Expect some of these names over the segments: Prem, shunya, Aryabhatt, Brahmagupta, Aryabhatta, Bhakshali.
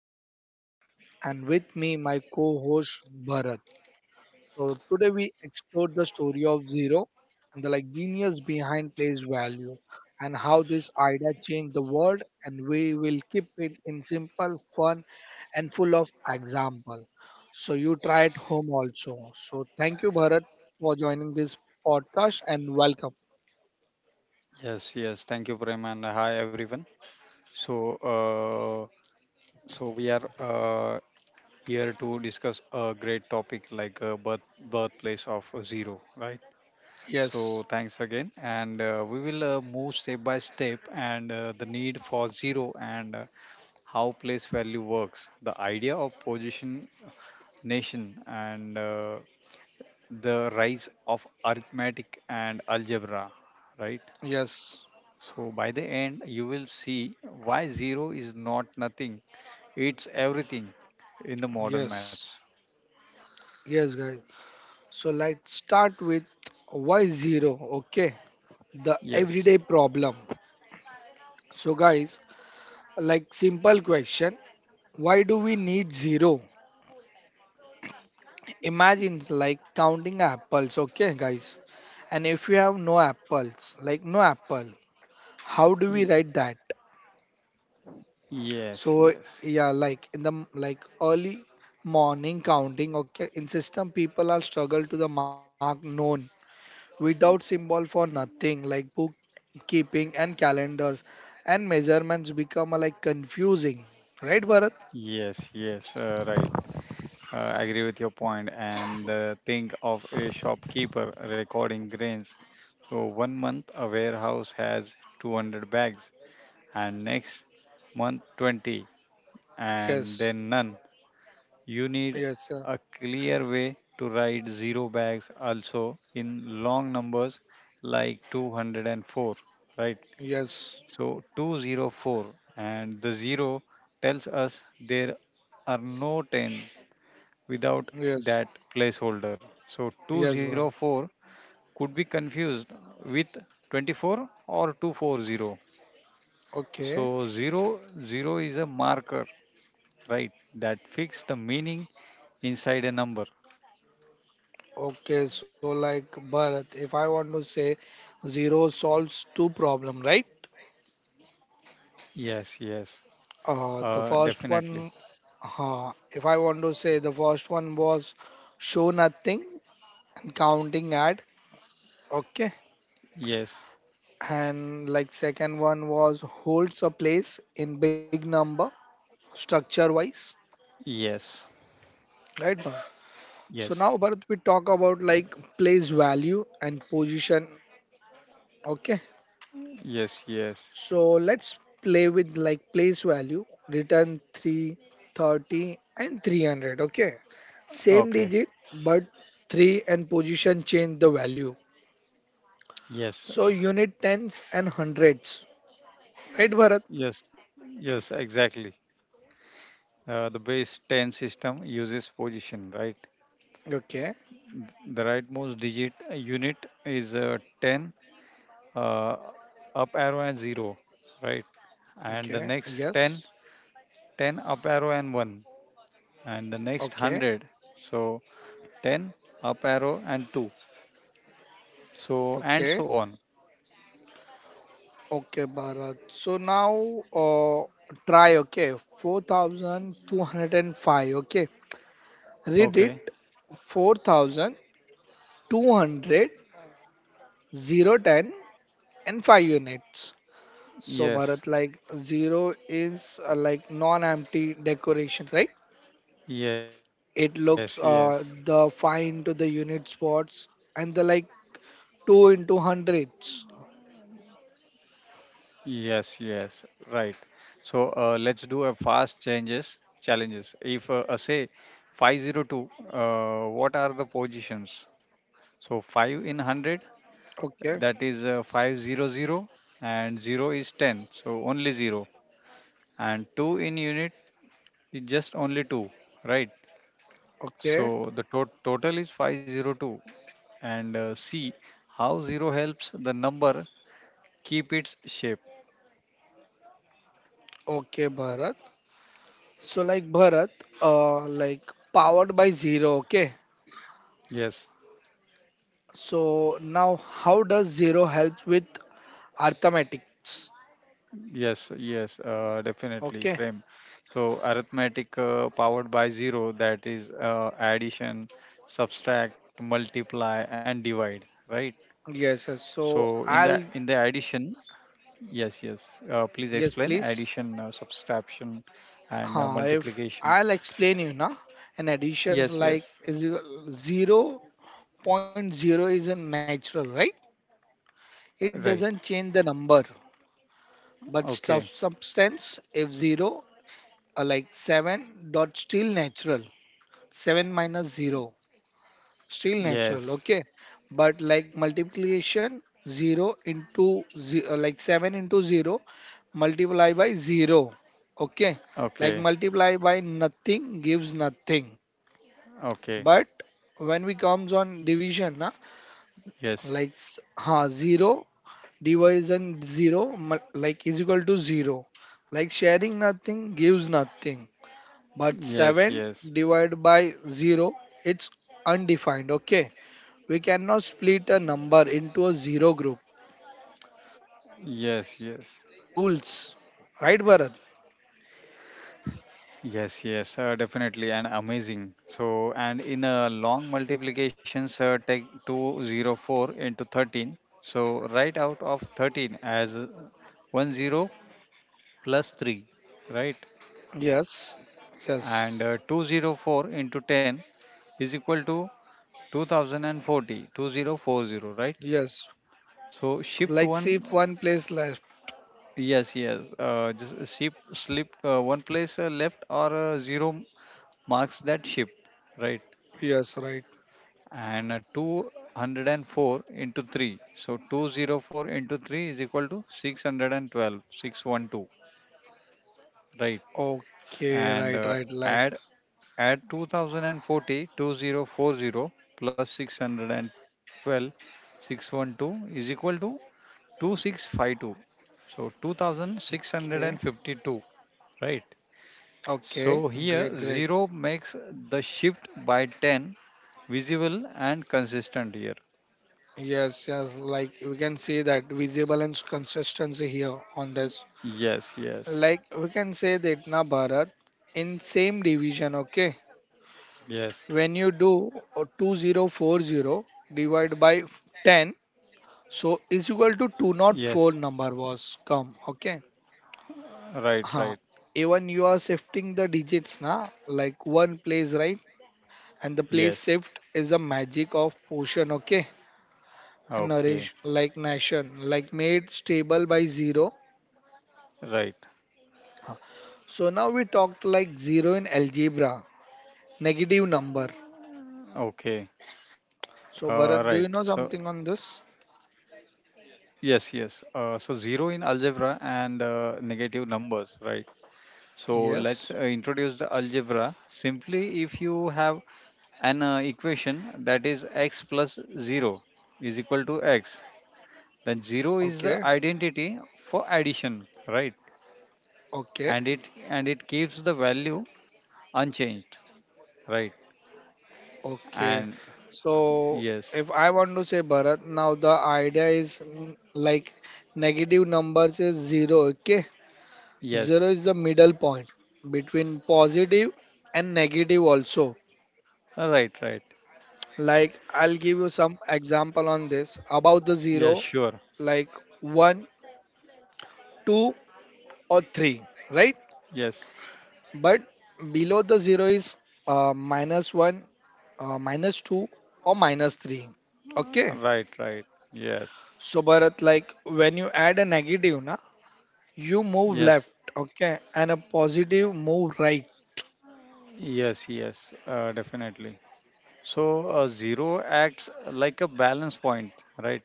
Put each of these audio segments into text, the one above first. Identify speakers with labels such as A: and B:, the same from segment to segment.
A: your host Prem, and with me my co-host Bharat. So today we explored the story of Zero and the like genius behind place value, and how this idea changed the world, and we will keep it in simple, fun, and full of example. So you try at home also. So thank you Bharat for joining this podcast, and welcome.
B: Yes, yes. Thank you, Prem, and hi everyone. So, uh, so we are here to discuss a great topic like birthplace of zero, right?
A: Yes.
B: So, thanks again, and we will move step by step and the need for zero and how place value works, the idea of position nation, and the rise of arithmetic and algebra, right?
A: Yes.
B: So by the end, you will see why zero is not nothing, it's everything in the modern maths.
A: Yes, yes, guys. So let's start with why zero, okay? The
B: Yes,
A: everyday problem. So, guys, like simple question, why do we need zero? Imagine like counting apples, okay, guys? And if you have no apples, like no apple, how
B: Y-
A: do we write that?
B: yes,
A: So,
B: yes,
A: yeah, like in the early morning counting, okay, in system people are struggle to the mark known without symbol for nothing like bookkeeping and calendars and measurements become like confusing, right Bharat?
B: yes, yes, right. I agree with your point. And think of a shopkeeper recording grains. So one month, a warehouse has 200 bags, and next month, 20, and
A: Yes,
B: then none. You need
A: yes,
B: a clear way to write zero bags also in long numbers like 204, right?
A: yes,
B: So 204 and the zero tells us there are no 10 without
A: yes,
B: that placeholder. So
A: yes Bharat.
B: 204 could be confused with 24 or 240.
A: Okay,
B: So zero is a marker, right? That fix the meaning inside a number.
A: okay. So like Bharat, if I want to say zero solves two problem, right?
B: Yes, yes. Uh,
A: The first
B: definitely.
A: one, if I want to say the first one was show nothing and counting add, okay.
B: Yes.
A: And like second one was holds a place in big number structure wise,
B: Yes.
A: right Bharat? So now
B: Yes.
A: Bharat we talk about like place value and position, okay.
B: Yes. Yes.
A: So let's play with like place value return 3 30 and 300, okay. Same digit,
B: Okay.
A: but 3 and position change the value. So
B: Yes.
A: unit tens and hundreds, right Bharat?
B: Yes. Yes. Exactly. The base 10 system uses position, right?
A: Okay,
B: The rightmost digit unit is 10, uh, up arrow and 0, right? And
A: okay,
B: the next
A: yes,
B: 10, 10 up arrow and 1. And the next
A: okay,
B: 100, so 10 up arrow and 2. So, and
A: okay.
B: so on.
A: Okay, Bharat. So now try, okay, 4205, okay. Read
B: Okay.
A: it. Four thousand two hundred zero ten and 5 units. So,
B: Yes.
A: Bharat, like 0 is like non empty decoration, right?
B: Yes. Yes.
A: It looks the 5 into the unit spots and the like 2 into hundreds.
B: Yes, yes, right. So let's do a fast changes challenges. If say 502, what are the positions? So 5 in 100,
A: Okay,
B: that is 500, and 0 is 10, so only 0. And 2 in unit is just only 2, right?
A: okay,
B: So the total is 502. And see how 0 helps the number keep its shape.
A: okay, Bharat. So like Bharat, like powered by zero. Okay.
B: Yes,
A: So now, how does zero help with arithmetics?
B: yes, yes, definitely,
A: Okay.
B: Prem. So arithmetic powered by zero, that is addition, subtract, multiply, and divide, right?
A: Yes. Yes.
B: So
A: So
B: in the
A: I'll.
B: in the addition, yes, yes. Please
A: Yes,
B: explain
A: please.
B: addition, subtraction, and
A: If
B: multiplication.
A: I'll explain you now. And additions
B: Yes,
A: like
B: yes,
A: is you- 0.0 is a natural, right? It
B: right.
A: doesn't change the number, but
B: Okay.
A: stuff substance if zero like seven dot still natural. Seven minus zero still natural,
B: Yes.
A: okay. But like multiplication 0 into ze- like 7 into 0, multiply by 0, okay, like
B: Okay.
A: multiply by nothing gives nothing.
B: Okay.
A: But when we comes on division na,
B: Yes.
A: like s- ha 0 division 0 mul- like is equal to 0, like sharing nothing gives nothing. But
B: Yes.
A: 7
B: Yes.
A: divided by 0, it's undefined, okay. We cannot split a number into a zero group, so
B: Yes.
A: like it
B: Yes.
A: break the rules, right Bharat?
B: Yes, yes, definitely, and amazing. So, and in a long multiplication, sir, take 204 into 13. So, right out of 13 as 10 plus 3, right?
A: Yes, yes,
B: And 204 into 10 is equal to 2040, right?
A: yes.
B: So,
A: It's
B: shift
A: like see if
B: one,
A: one place left.
B: yes, yes, just shift, slip one place left or zero marks that shift, right?
A: Yes, right,
B: And 204 into 3, so 204 into 3 is equal to 612, 612, right.
A: okay,
B: And
A: right, right, right,
B: add add 2040 plus 612, 612 is equal to 2652, so
A: okay,
B: 2652, right. So
A: okay,
B: here
A: great,
B: 0
A: great,
B: makes the shift by 10 visible and consistent here.
A: yes, yes, like we can see that visible and consistency here on this,
B: Yes, yes,
A: like we can say that na Bharat, in same division, okay,
B: yes,
A: when you do 2040 divided by 10, so is equal to two.
B: yes,
A: Not four number was come, okay.
B: right, right.
A: Huh. Even you are shifting the digits na, like one place right. And the place shift
B: Yes.
A: is the magic of potion, okay. And nourish
B: Okay,
A: like nation like made stable by zero.
B: right.
A: Huh. So now we talked like zero in algebra negative number.
B: Okay.
A: So
B: Uh,
A: Bharat, do
B: right.
A: you know
B: So,
A: something on this?
B: yes, yes. So zero in algebra and negative numbers, right? So
A: Yes,
B: let's introduce the algebra. Simply, if you have an equation that is x plus zero is equal to x, then zero
A: okay,
B: is the identity for addition, right?
A: okay.
B: And it keeps the value unchanged, right?
A: Okay.
B: And
A: So
B: yes.
A: if I want to say Bharat, now the idea is mm, like negative numbers is zero, okay? Zero
B: Yes,
A: is the middle point between positive and negative also.
B: right, right.
A: Like I'll give you some example on this about the zero,
B: Yeah,
A: like
B: sure.
A: one, two, or three, right?
B: Yes.
A: But below the zero is minus one, minus two, or minus three, okay?
B: Right, right. Yes.
A: So Bharat, like when you add a negative, na, you move left,
B: Yes.
A: okay, and a positive move right.
B: Yes, yes. Definitely. So zero acts like a balance point, right?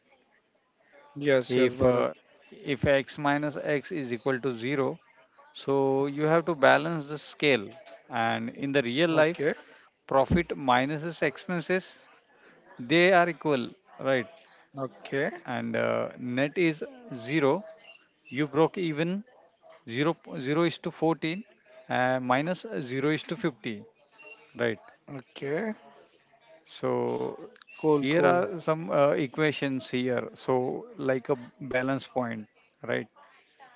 A: Yes, yes, Bharat.
B: If uh, if x minus x is equal to zero, so you have to balance the scale. And in the real
A: Okay,
B: life, profit minuses expenses, they are equal, right?
A: okay,
B: And net is zero. You broke even. Zero zero is to 14 minus 0 is to 50, right.
A: okay.
B: So
A: Cool,
B: here
A: cool.
B: are some equations here, so like a balance point, right.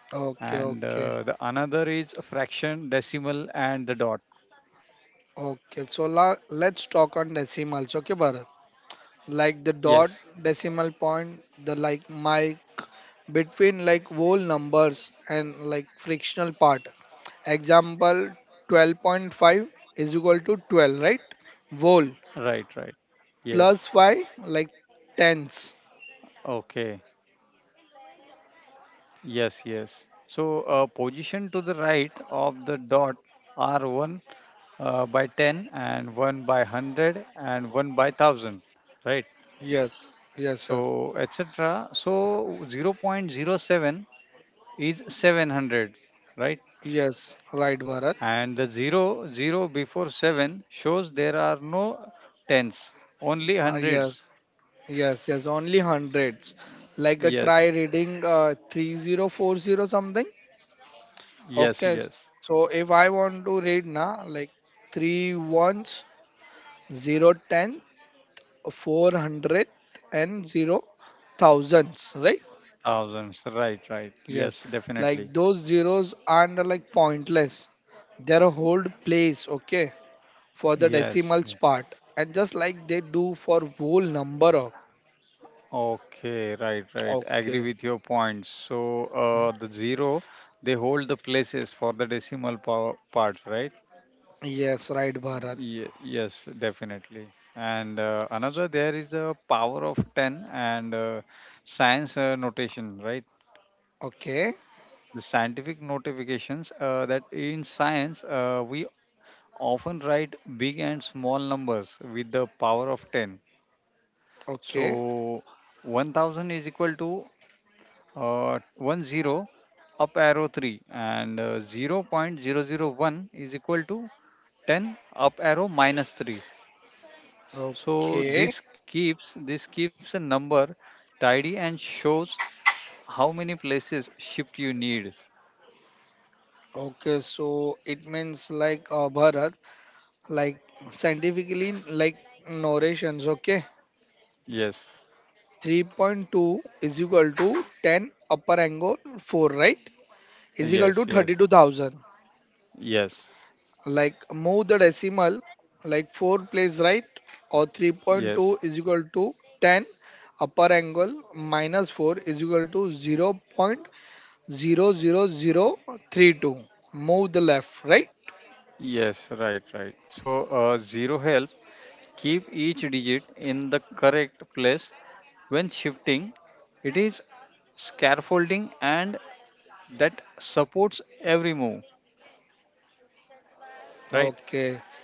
A: Okay,
B: And
A: okay,
B: the another is a fraction decimal and the dot.
A: okay. So let's talk on decimals, okay, Bharat.
B: Yes,
A: Like the dot, decimal point, the like mic between like whole numbers and like fractional part. Example, 12.5 is equal to 12, right? Whole
B: right, right, yes,
A: plus 5 like tens.
B: okay, yes, yes. So position to the right of the dot are 1 by 10 and 1 by one hundred, and one by 1000, right.
A: Yes, yes,
B: So,
A: yes,
B: etc. So zero point zero 0.07 is 700, right?
A: yes, right Bharat.
B: And the 0, 0 before 7 shows there are no tens, only
A: Yes,
B: hundreds.
A: yes, yes, only hundreds, like a
B: Yes,
A: try reading 3040 something,
B: yes, yes.
A: okay. So if I want to read now, like 3 ones, zero ten, four hundred, and zero thousands, right?
B: Thousands, right, right. Yes,
A: Yes.
B: definitely.
A: Like those zeros aren't like pointless, they're a whole place, okay, for the
B: Yes,
A: decimals
B: yes.
A: part, and just like they do for whole number of.
B: Okay, right, right.
A: Okay,
B: Agree with your points. So the zero, they hold the places for the decimal power parts, right?
A: yes, right Bharat.
B: Yes, definitely. And another, there is a power of 10 and science notation, right?
A: Okay,
B: The scientific notifications that in science, we often write big and small numbers with the power of 10.
A: okay,
B: So 1000 is equal to 1 zero up arrow 3 and zero point zero zero 0.001 is equal to 10 up arrow minus 3. So
A: okay,
B: this keeps a number tidy and shows how many places shift you need.
A: okay. So it means like Bharat, like scientifically like narrations, okay,
B: Yes,
A: 3.2 is equal to 10 upper angle 4, right, is equal to
B: yes, yes,
A: 32,000,
B: yes,
A: like move the decimal like 4 place right. Or 3.2
B: yes,
A: is equal to 10 upper angle minus 4 is equal to 0.00032, move the left, right?
B: yes. Right, right. So zero help. Keep each digit in the correct place when shifting. It is scaffolding and that supports every move. Right.
A: Okay,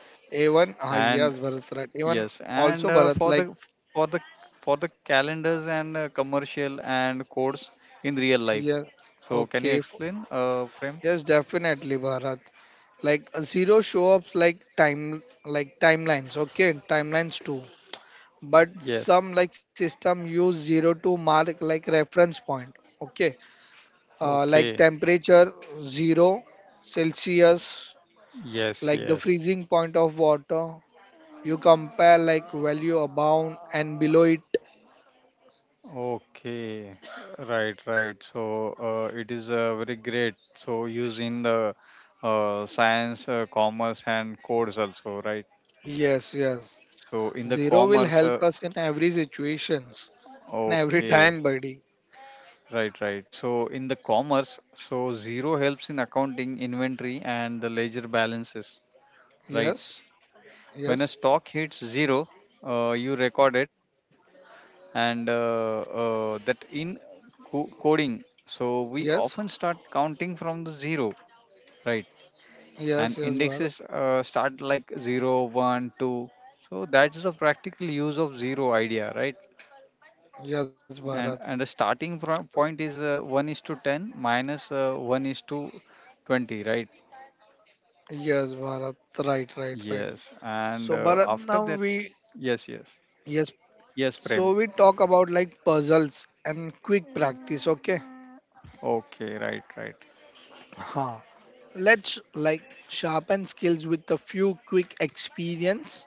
A: A1, ah, yes
B: And
A: Bharat, right, A1.
B: yes,
A: Also
B: and
A: Bharat,
B: for
A: like
B: the for the for the calendars and commercial and codes in real life.
A: yeah,
B: So can you
A: okay,
B: explain, Prem?
A: yes, definitely Bharat, like zero show ups like time like timelines, okay, timelines too. But
B: Yes.
A: some like system use zero to mark like reference point, okay, like
B: Okay.
A: temperature zero celsius,
B: Yes.
A: like the
B: Yes.
A: freezing point of water, you compare like value above and below it.
B: Okay. Right. Right. So it is very great. So used in the science, commerce, and codes also. Right.
A: Yes, yes.
B: So in the
A: Zero will
B: commerce. Uh,
A: help us in every situations, in every
B: okay.
A: time buddy.
B: Right, right. So in the commerce, so zero helps in accounting, inventory, and the ledger balances. Right.
A: Yes,
B: When a
A: yes,
B: stock hits zero, you record it, and that in coding. So we often
A: yes,
B: start counting from the zero, right? And
A: yes, yes
B: indexes
A: Bharat,
B: start like zero, one, two. So that is a practical use of zero idea, right?
A: yes Bharat,
B: And the starting point is one is to ten minus one is to 20, right.
A: yes Bharat, right, right, right.
B: Yes, and
A: So Bharat,
B: after
A: now
B: that,
A: we.
B: yes, yes,
A: Yes.
B: yes, Prem.
A: So we talk about like puzzles and quick practice, okay?
B: Okay, right, right.
A: Huh. Let's like sharpen skills with a few quick experience.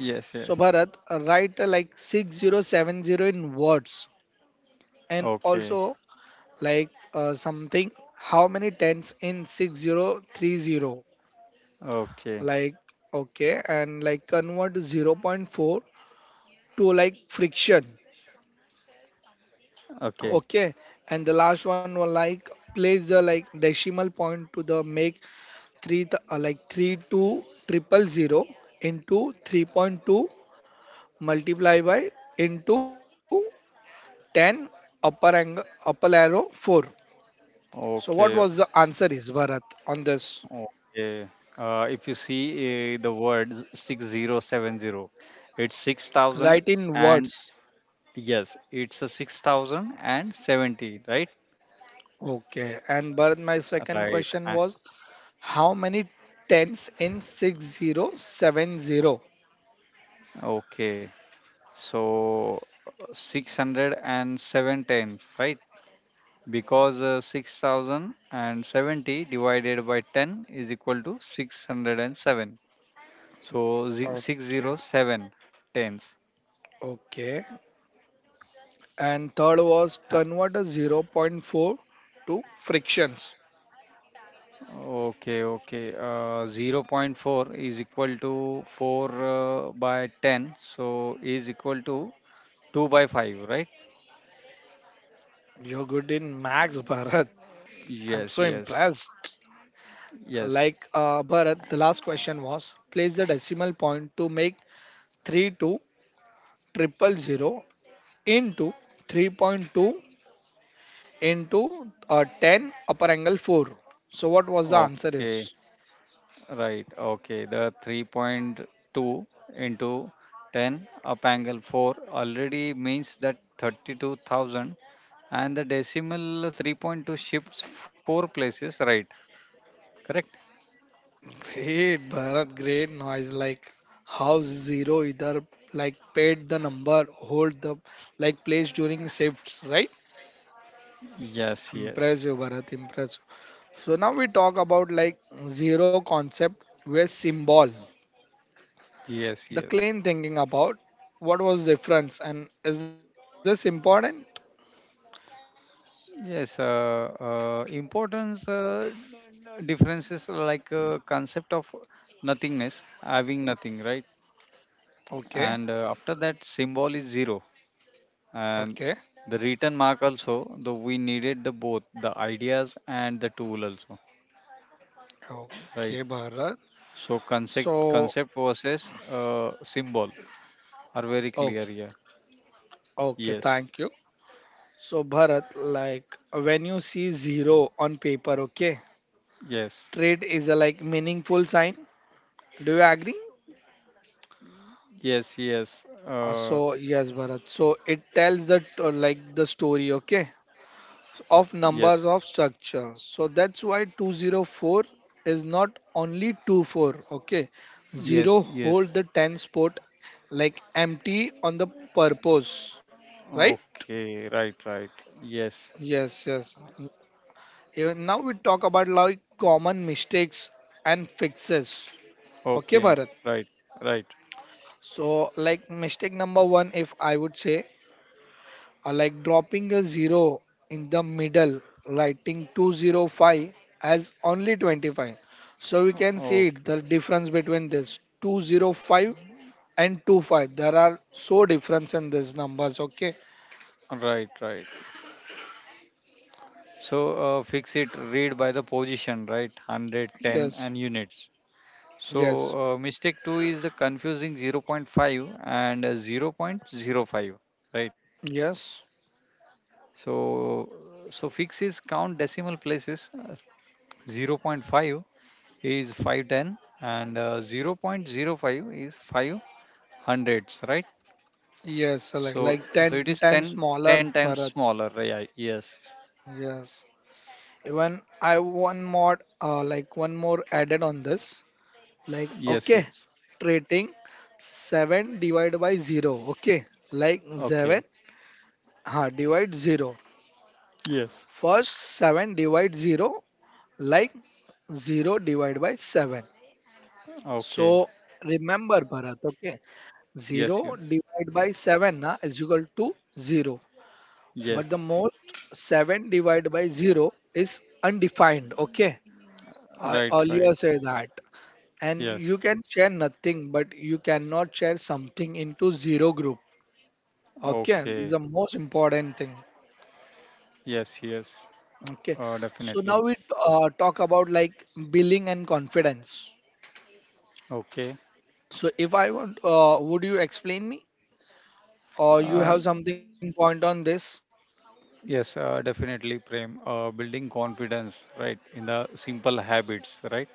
B: Yes,
A: So
B: yes.
A: Bharat, write like 6070 in words, and
B: Okay,
A: also like something, how many tens in 6030,
B: okay,
A: like okay, and like convert zero point 0.4 to like friction,
B: okay,
A: okay. And the last one was like place the like decimal point to the make three th- like 32 triple zero into 3.2 multiply by into ten upper angle upper arrow four. So what was
B: okay,
A: the answer is Bharat on this?
B: okay. If you see the word 6070, it's 6000
A: Write in
B: and
A: words.
B: yes, it's a 6070, right?
A: Okay. And Bharat, my second
B: Right.
A: question was how many tens in 6070?
B: Okay. So 607 tenths, right? Because 6070 divided by 10 is equal to 607, so
A: Okay.
B: 607.
A: Okay. And third
B: Uh,
A: was convert a zero point 0.4 to frictions.
B: okay okay, zero point 0.4 is equal to 4 by 10, so is equal to 2 by 5, right.
A: You're good in max, Bharat. I'm so
B: Yes, yes,
A: impressed.
B: yes,
A: Like Bharat, the last question was place the decimal point to make 32 triple zero into 3.2 into 10 upper angle 4. So what was the answer
B: okay.
A: is?
B: Right, okay. The 3.2 into 10 up angle 4 already means that 32,000, and the decimal 3.2 shifts 4 places, right? Correct?
A: Great Bharat, great noise. Like how zero either like paid the number, hold the like place during shifts, right?
B: Yes, yes.
A: Impressive Bharat, impressive. So now we talk about like zero concept where symbol,
B: Yes,
A: the
B: yes.
A: clean thinking about what was difference and is this important.
B: Yes, importance differences like concept of nothingness, having nothing, right?
A: Okay,
B: And after that, symbol is zero. And
A: okay,
B: the written mark also, though we needed the both the ideas and the tool also, right.
A: okay Bharat.
B: So concept
A: So.
B: concept versus symbol are very
A: Oh,
B: clear here.
A: okay,
B: Yes,
A: thank you. So Bharat, like when you see zero on paper, okay,
B: yes,
A: trade is a like meaningful sign, do you agree?
B: yes, yes,
A: So yes Bharat, so it tells that like the story, okay, of
B: yes,
A: numbers of structure. So that's why 204 is not only 24. Okay.
B: yes,
A: 0
B: yes,
A: hold the tens spot, like empty on the purpose. Right?
B: okay, right, right, yes,
A: Yes, yes. Even now we talk about like common mistakes and fixes. Okay, Bharat.
B: okay, right, right.
A: So like mistake number one, if I would say like dropping a zero in the middle, writing 205 as only 25. So we can see
B: O-
A: it,
B: okay
A: the difference between this 205 and 25. There are so difference in these numbers. Okay.
B: right, right. So fix it, read by the position, right, 100, 10,
A: Yes.
B: and units. So
A: Yes.
B: mistake two is the confusing zero point 0.5 and zero point zero 0.05, right?
A: Yes.
B: So so fix is count decimal places. Zero point 0.5 is 510 and zero point zero 0.05 is 5 hundreds, right?
A: Yes. So Like,
B: So
A: like
B: so
A: 10
B: it is
A: times
B: 10
A: smaller,
B: 10
A: Bharat.
B: times smaller, right? Yeah, yes,
A: Yes. Even I one more added on this, like okay,
B: yes, yes.
A: trading 7 divided by 0, okay, like 7
B: Okay.
A: ha divide 0
B: Yes.
A: first, 7 divide 0, like 0 divided by 7, so
B: Okay.
A: remember Bharat, okay, 0
B: Yes. Yes.
A: divided by 7 na, is equal to 0. But the
B: Yes.
A: most 7 divided by 0 is undefined, okay. I
B: Right. Right.
A: earlier said that, and
B: Yes.
A: you can share nothing but you cannot share something into zero group. Okay,
B: Okay.
A: this is the most important thing.
B: Yes. Yes.
A: Okay,
B: Uh,
A: so
B: definitely.
A: now we talk about like billing and confidence.
B: Okay.
A: So if I want, would you explain me or you
B: Uh,
A: have something point on this?
B: yes, definitely, Prem. Building confidence, right, in the simple habits, right?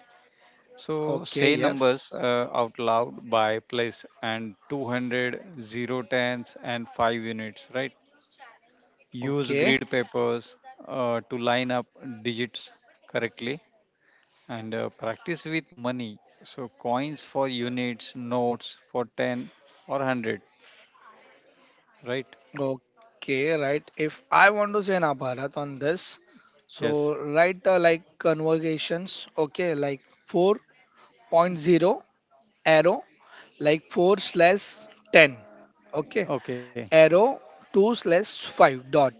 A: Okay,
B: So say
A: yes.
B: numbers out loud by place and two hundred zero tens and 5 units, right? Use
A: Okay,
B: grid papers to line up digits correctly and practice with money. So coins for units, notes for 10 or 100, right?
A: okay, right. If I want to say na Bharat on this, so
B: Yes.
A: write like conversations. Okay, like four point zero arrow, like 4 slash 10. Okay,
B: Okay.
A: arrow 2 slash 5 dot,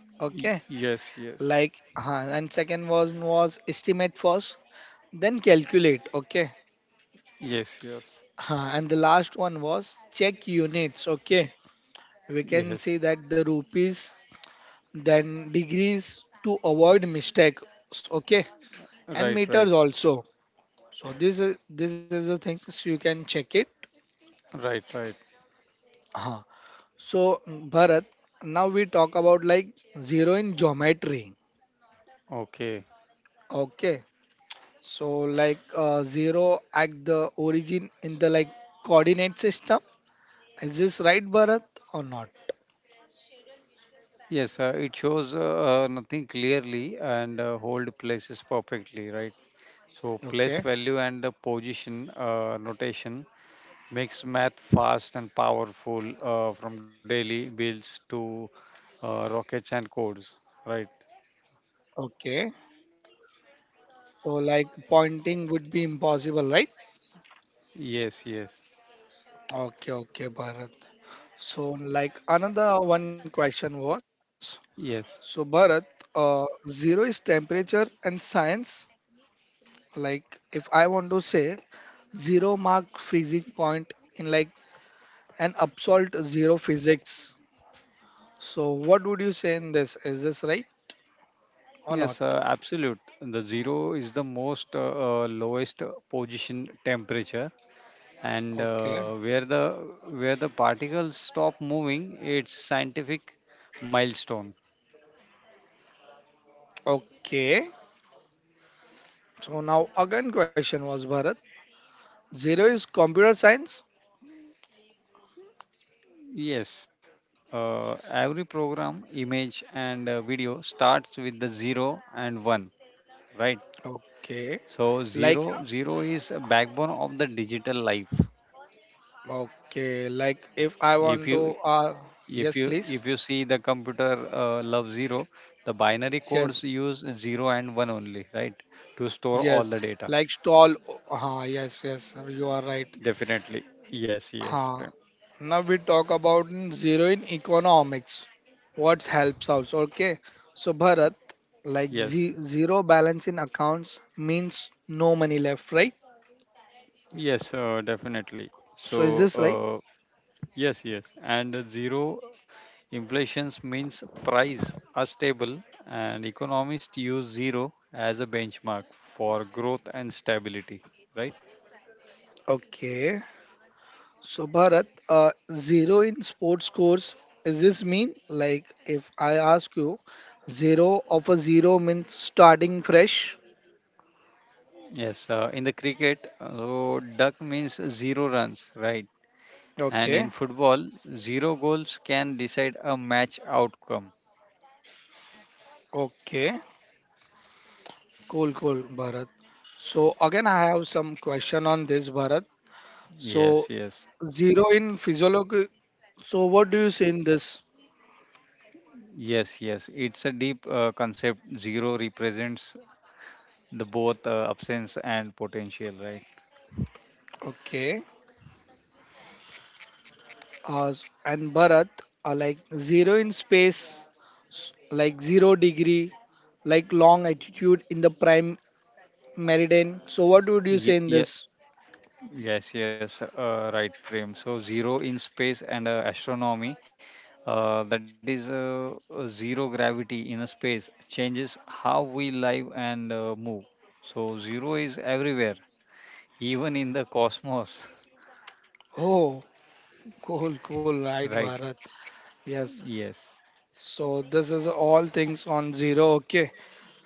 A: okay,
B: Yes, yes.
A: like huh, and second one was estimate first then calculate, okay.
B: Yes, yes,
A: Huh. And the last one was check units, okay, we can
B: yes.
A: see that the rupees, then degrees to avoid mistakes, okay, and
B: Right, right,
A: meters also. So this is the things you can check it.
B: right, right.
A: Huh. So Bharat, now we talk about like zero in geometry,
B: Okay.
A: okay. So like zero at the origin in the like coordinate system. Is this right, Bharat, or not?
B: Yes, it shows nothing clearly and hold places perfectly, right? So place
A: Okay.
B: value and the position notation makes math fast and powerful from daily builds to rockets and codes, right?
A: Okay. So like pointing would be impossible, right?
B: Yes, yes,
A: Okay, okay, Bharat. So like another one question was, so
B: yes.
A: Bharat, uh, zero is temperature and science. Like if I want to say zero mark freezing point in like an absolute zero physics. So what would you say in this? Is this right? Or not?
B: Yes, absolute. The zero is the most lowest position temperature and
A: Okay.
B: where the particles stop moving. It's scientific milestone.
A: Okay. So now again question was Bharat. Zero is computer science.
B: Yes, every program image and video starts with the 0 and 1, right.
A: Okay.
B: So
A: Like,
B: zero is a backbone of the digital life.
A: okay. Like if I
B: if
A: want to
B: you if
A: yes,
B: you
A: please.
B: if you see the computer love 0, the binary
A: Yes.
B: codes use 0 and 1 only, right, to store all
A: Yes.
B: the data,
A: Like stall, yes, yes. You are right.
B: definitely. Yes, yes,
A: Uh,
B: Prem.
A: Now we talk about in zero in economics. What helps us? Okay. So Bharat, like
B: Yes,
A: zero balance in accounts means no money left, right?
B: yes, definitely. So,
A: So is this right?
B: yes, yes. And zero inflations means price are stable, and economists use zero as a benchmark for growth and stability, right?
A: Okay. So Bharat, zero in sports scores, is this mean like if I ask you, zero of a zero means starting fresh?
B: Yes, in the cricket, so duck means zero runs, right? And in
A: Okay.
B: football, zero goals can decide a match outcome.
A: Okay. Cool, cool, Bharat. So again, I have some question on this, Bharat. So
B: Yes, yes,
A: zero in physiology. So what do you say in this?
B: yes, yes. It's a deep concept. Zero represents the both absence and potential, right.
A: Okay. uh, and Bharat are like zero in space, like zero degree, like long attitude in the prime meridian. So, what would you
B: Yeah,
A: say in
B: yeah,
A: this?
B: yes, yes, right frame. So zero in space and astronomy, that is zero gravity in a space changes how we live and move. So zero is everywhere, even in the cosmos.
A: Oh, cool, cool, right,
B: Right.
A: Bharat. Yes.
B: Yes,
A: So, this is all things on zero. Okay.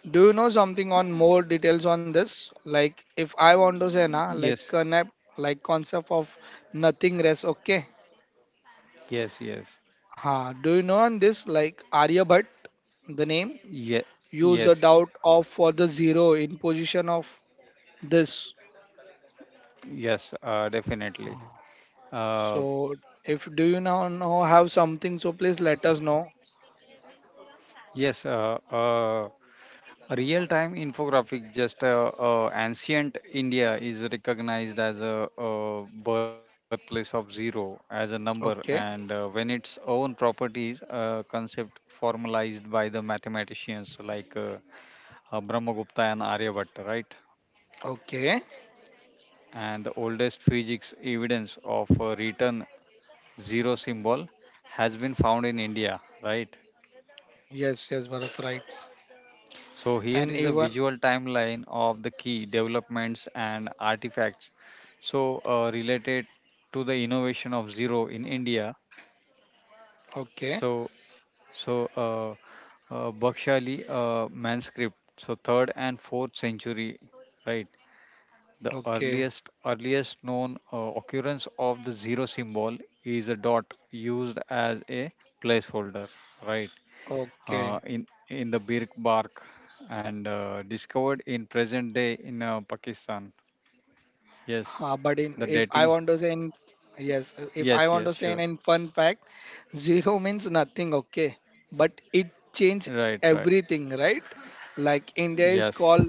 A: Do you know something on more details on this? Like, if I want to say, na, like,
B: yes,
A: connect, like, concept of nothing rest. Okay.
B: yes, yes,
A: Ha. Do you know on this? Like, Aryabhatt, the name?
B: yeah,
A: Use a
B: yes,
A: doubt of for the zero in position of this.
B: yes, definitely, uh,
A: So if do you now know have something, so please let us know.
B: yes, real time infographic, just ancient India is recognized as a, birthplace of zero as a number and
A: Okay,
B: when its own properties concept formalized by the mathematicians like Brahmagupta and Aryabhatta, right.
A: okay.
B: And the oldest physics evidence of a written zero symbol has been found in India, right.
A: Yes, yes, Bharat, right.
B: So
A: And
B: here is a
A: even
B: visual timeline of the key developments and artifacts so related to the innovation of zero in India.
A: okay,
B: So so Bhakshali manuscript, so third and fourth century, right. The
A: okay,
B: earliest known occurrence of the zero symbol is a dot used as a placeholder, right.
A: okay.
B: In the birk bark and discovered in present day in Pakistan. Yes,
A: But in if
B: the
A: I want to
B: dating.
A: say in yes, if I want
B: Yes,
A: to
B: yes,
A: say in,
B: sure.
A: in fun fact, zero means nothing, okay? But it changed
B: Right, right.
A: everything, right? Like India is
B: Yes,
A: called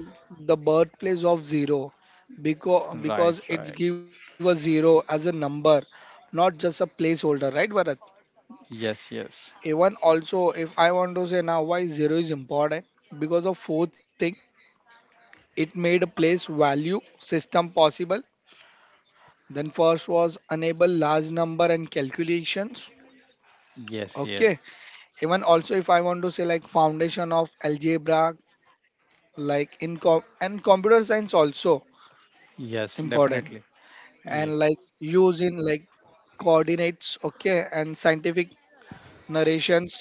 A: the birthplace of zero because
B: right,
A: because it's
B: right.
A: give a zero as a number, not just a placeholder, right, Bharat?
B: Yes, yes,
A: Even also, if I want to say now why zero is important, because of four things. It made a place value system possible. Then first was enable large number and calculations.
B: yes, yes,
A: Okay. Even also if I want to say like foundation of algebra, like in com and computer science also
B: yes,
A: important.
B: definitely.
A: And like
B: Yeah.
A: use in like coordinates, okay, and scientific narrations,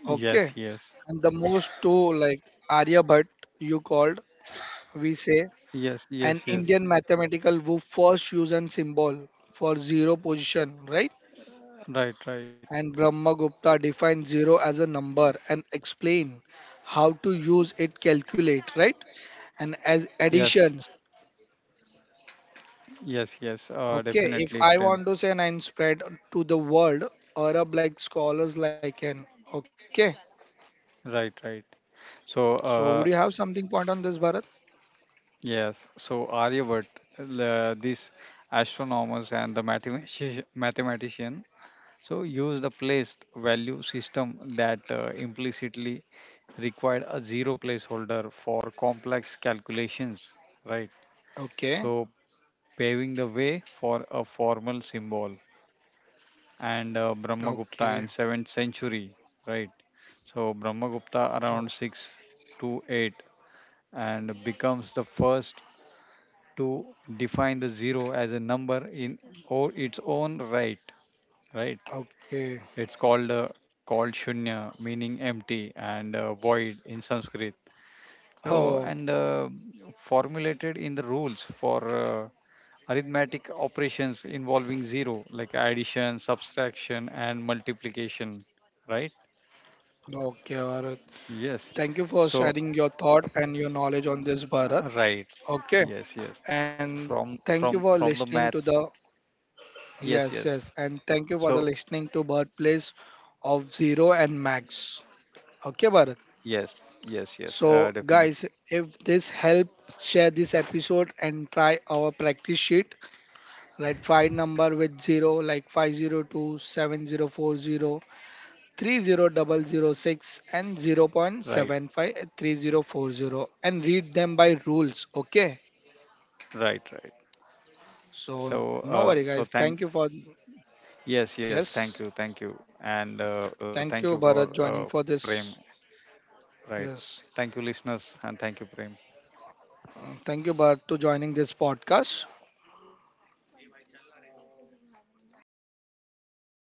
A: okay.
B: Yes, yes,
A: And the most two, like Aryabhatt you called, we say,
B: yes,
A: an
B: yes, yes.
A: Indian mathematical who first used an symbol for zero position, right?
B: Right, right.
A: And Brahmagupta define zero as a number and explain how to use it calculate, right, and as
B: Yes,
A: additions,
B: yes, yes. Uh,
A: okay.
B: definitely,
A: If I
B: Prem.
A: want to say nine spread to the world, Arab like scholars like an, okay.
B: Right, right. So,
A: So would you have something point on this, Bharat?
B: yes, so Aryabhat, these astronomers and the mathematician, so use the placed value system that implicitly required a zero placeholder for complex calculations, right?
A: Okay.
B: So paving the way for a formal symbol and
A: Okay.
B: Brahmagupta and 7th century, right? So Brahmagupta
A: Oh,
B: around 6 to 8 and becomes the first to define the zero as a number in or its own right. It's
A: okay.
B: called shunya meaning empty and void in Sanskrit. So and
A: Oh,
B: formulated in the rules for arithmetic operations involving zero like addition, subtraction, and multiplication, right.
A: okay, Bharat,
B: Yes,
A: thank you for
B: so
A: sharing your thought and your knowledge on this, Bharat.
B: right,
A: Okay.
B: yes, yes.
A: And
B: from
A: thank you
B: from
A: for
B: from the
A: listening to
B: maths,
A: the.
B: yes,
A: Yes,
B: yes.
A: yes. And thank you for the
B: So,
A: listening to Birthplace of Zero and Max. Okay, Bharat.
B: yes, yes, yes,
A: So, guys,
B: definitely,
A: if this helped, share this episode and try our practice sheet. Write five number with zero, like five zero two seven zero four zero three zero double zero six and zero point
B: right,
A: seven five three zero four zero and read them by rules. Okay.
B: right, right.
A: So, no
B: So,
A: worry, guys.
B: so
A: Thank you for
B: yes, yes,
A: yes.
B: thank you, and
A: Thank
B: thank you
A: you,
B: for
A: Bharat, joining for
B: Prem.
A: this.
B: Right,
A: Yes.
B: thank you, listeners, and thank you, Prem.
A: Thank you, Bharat, to joining this podcast.
B: Yes, thank you.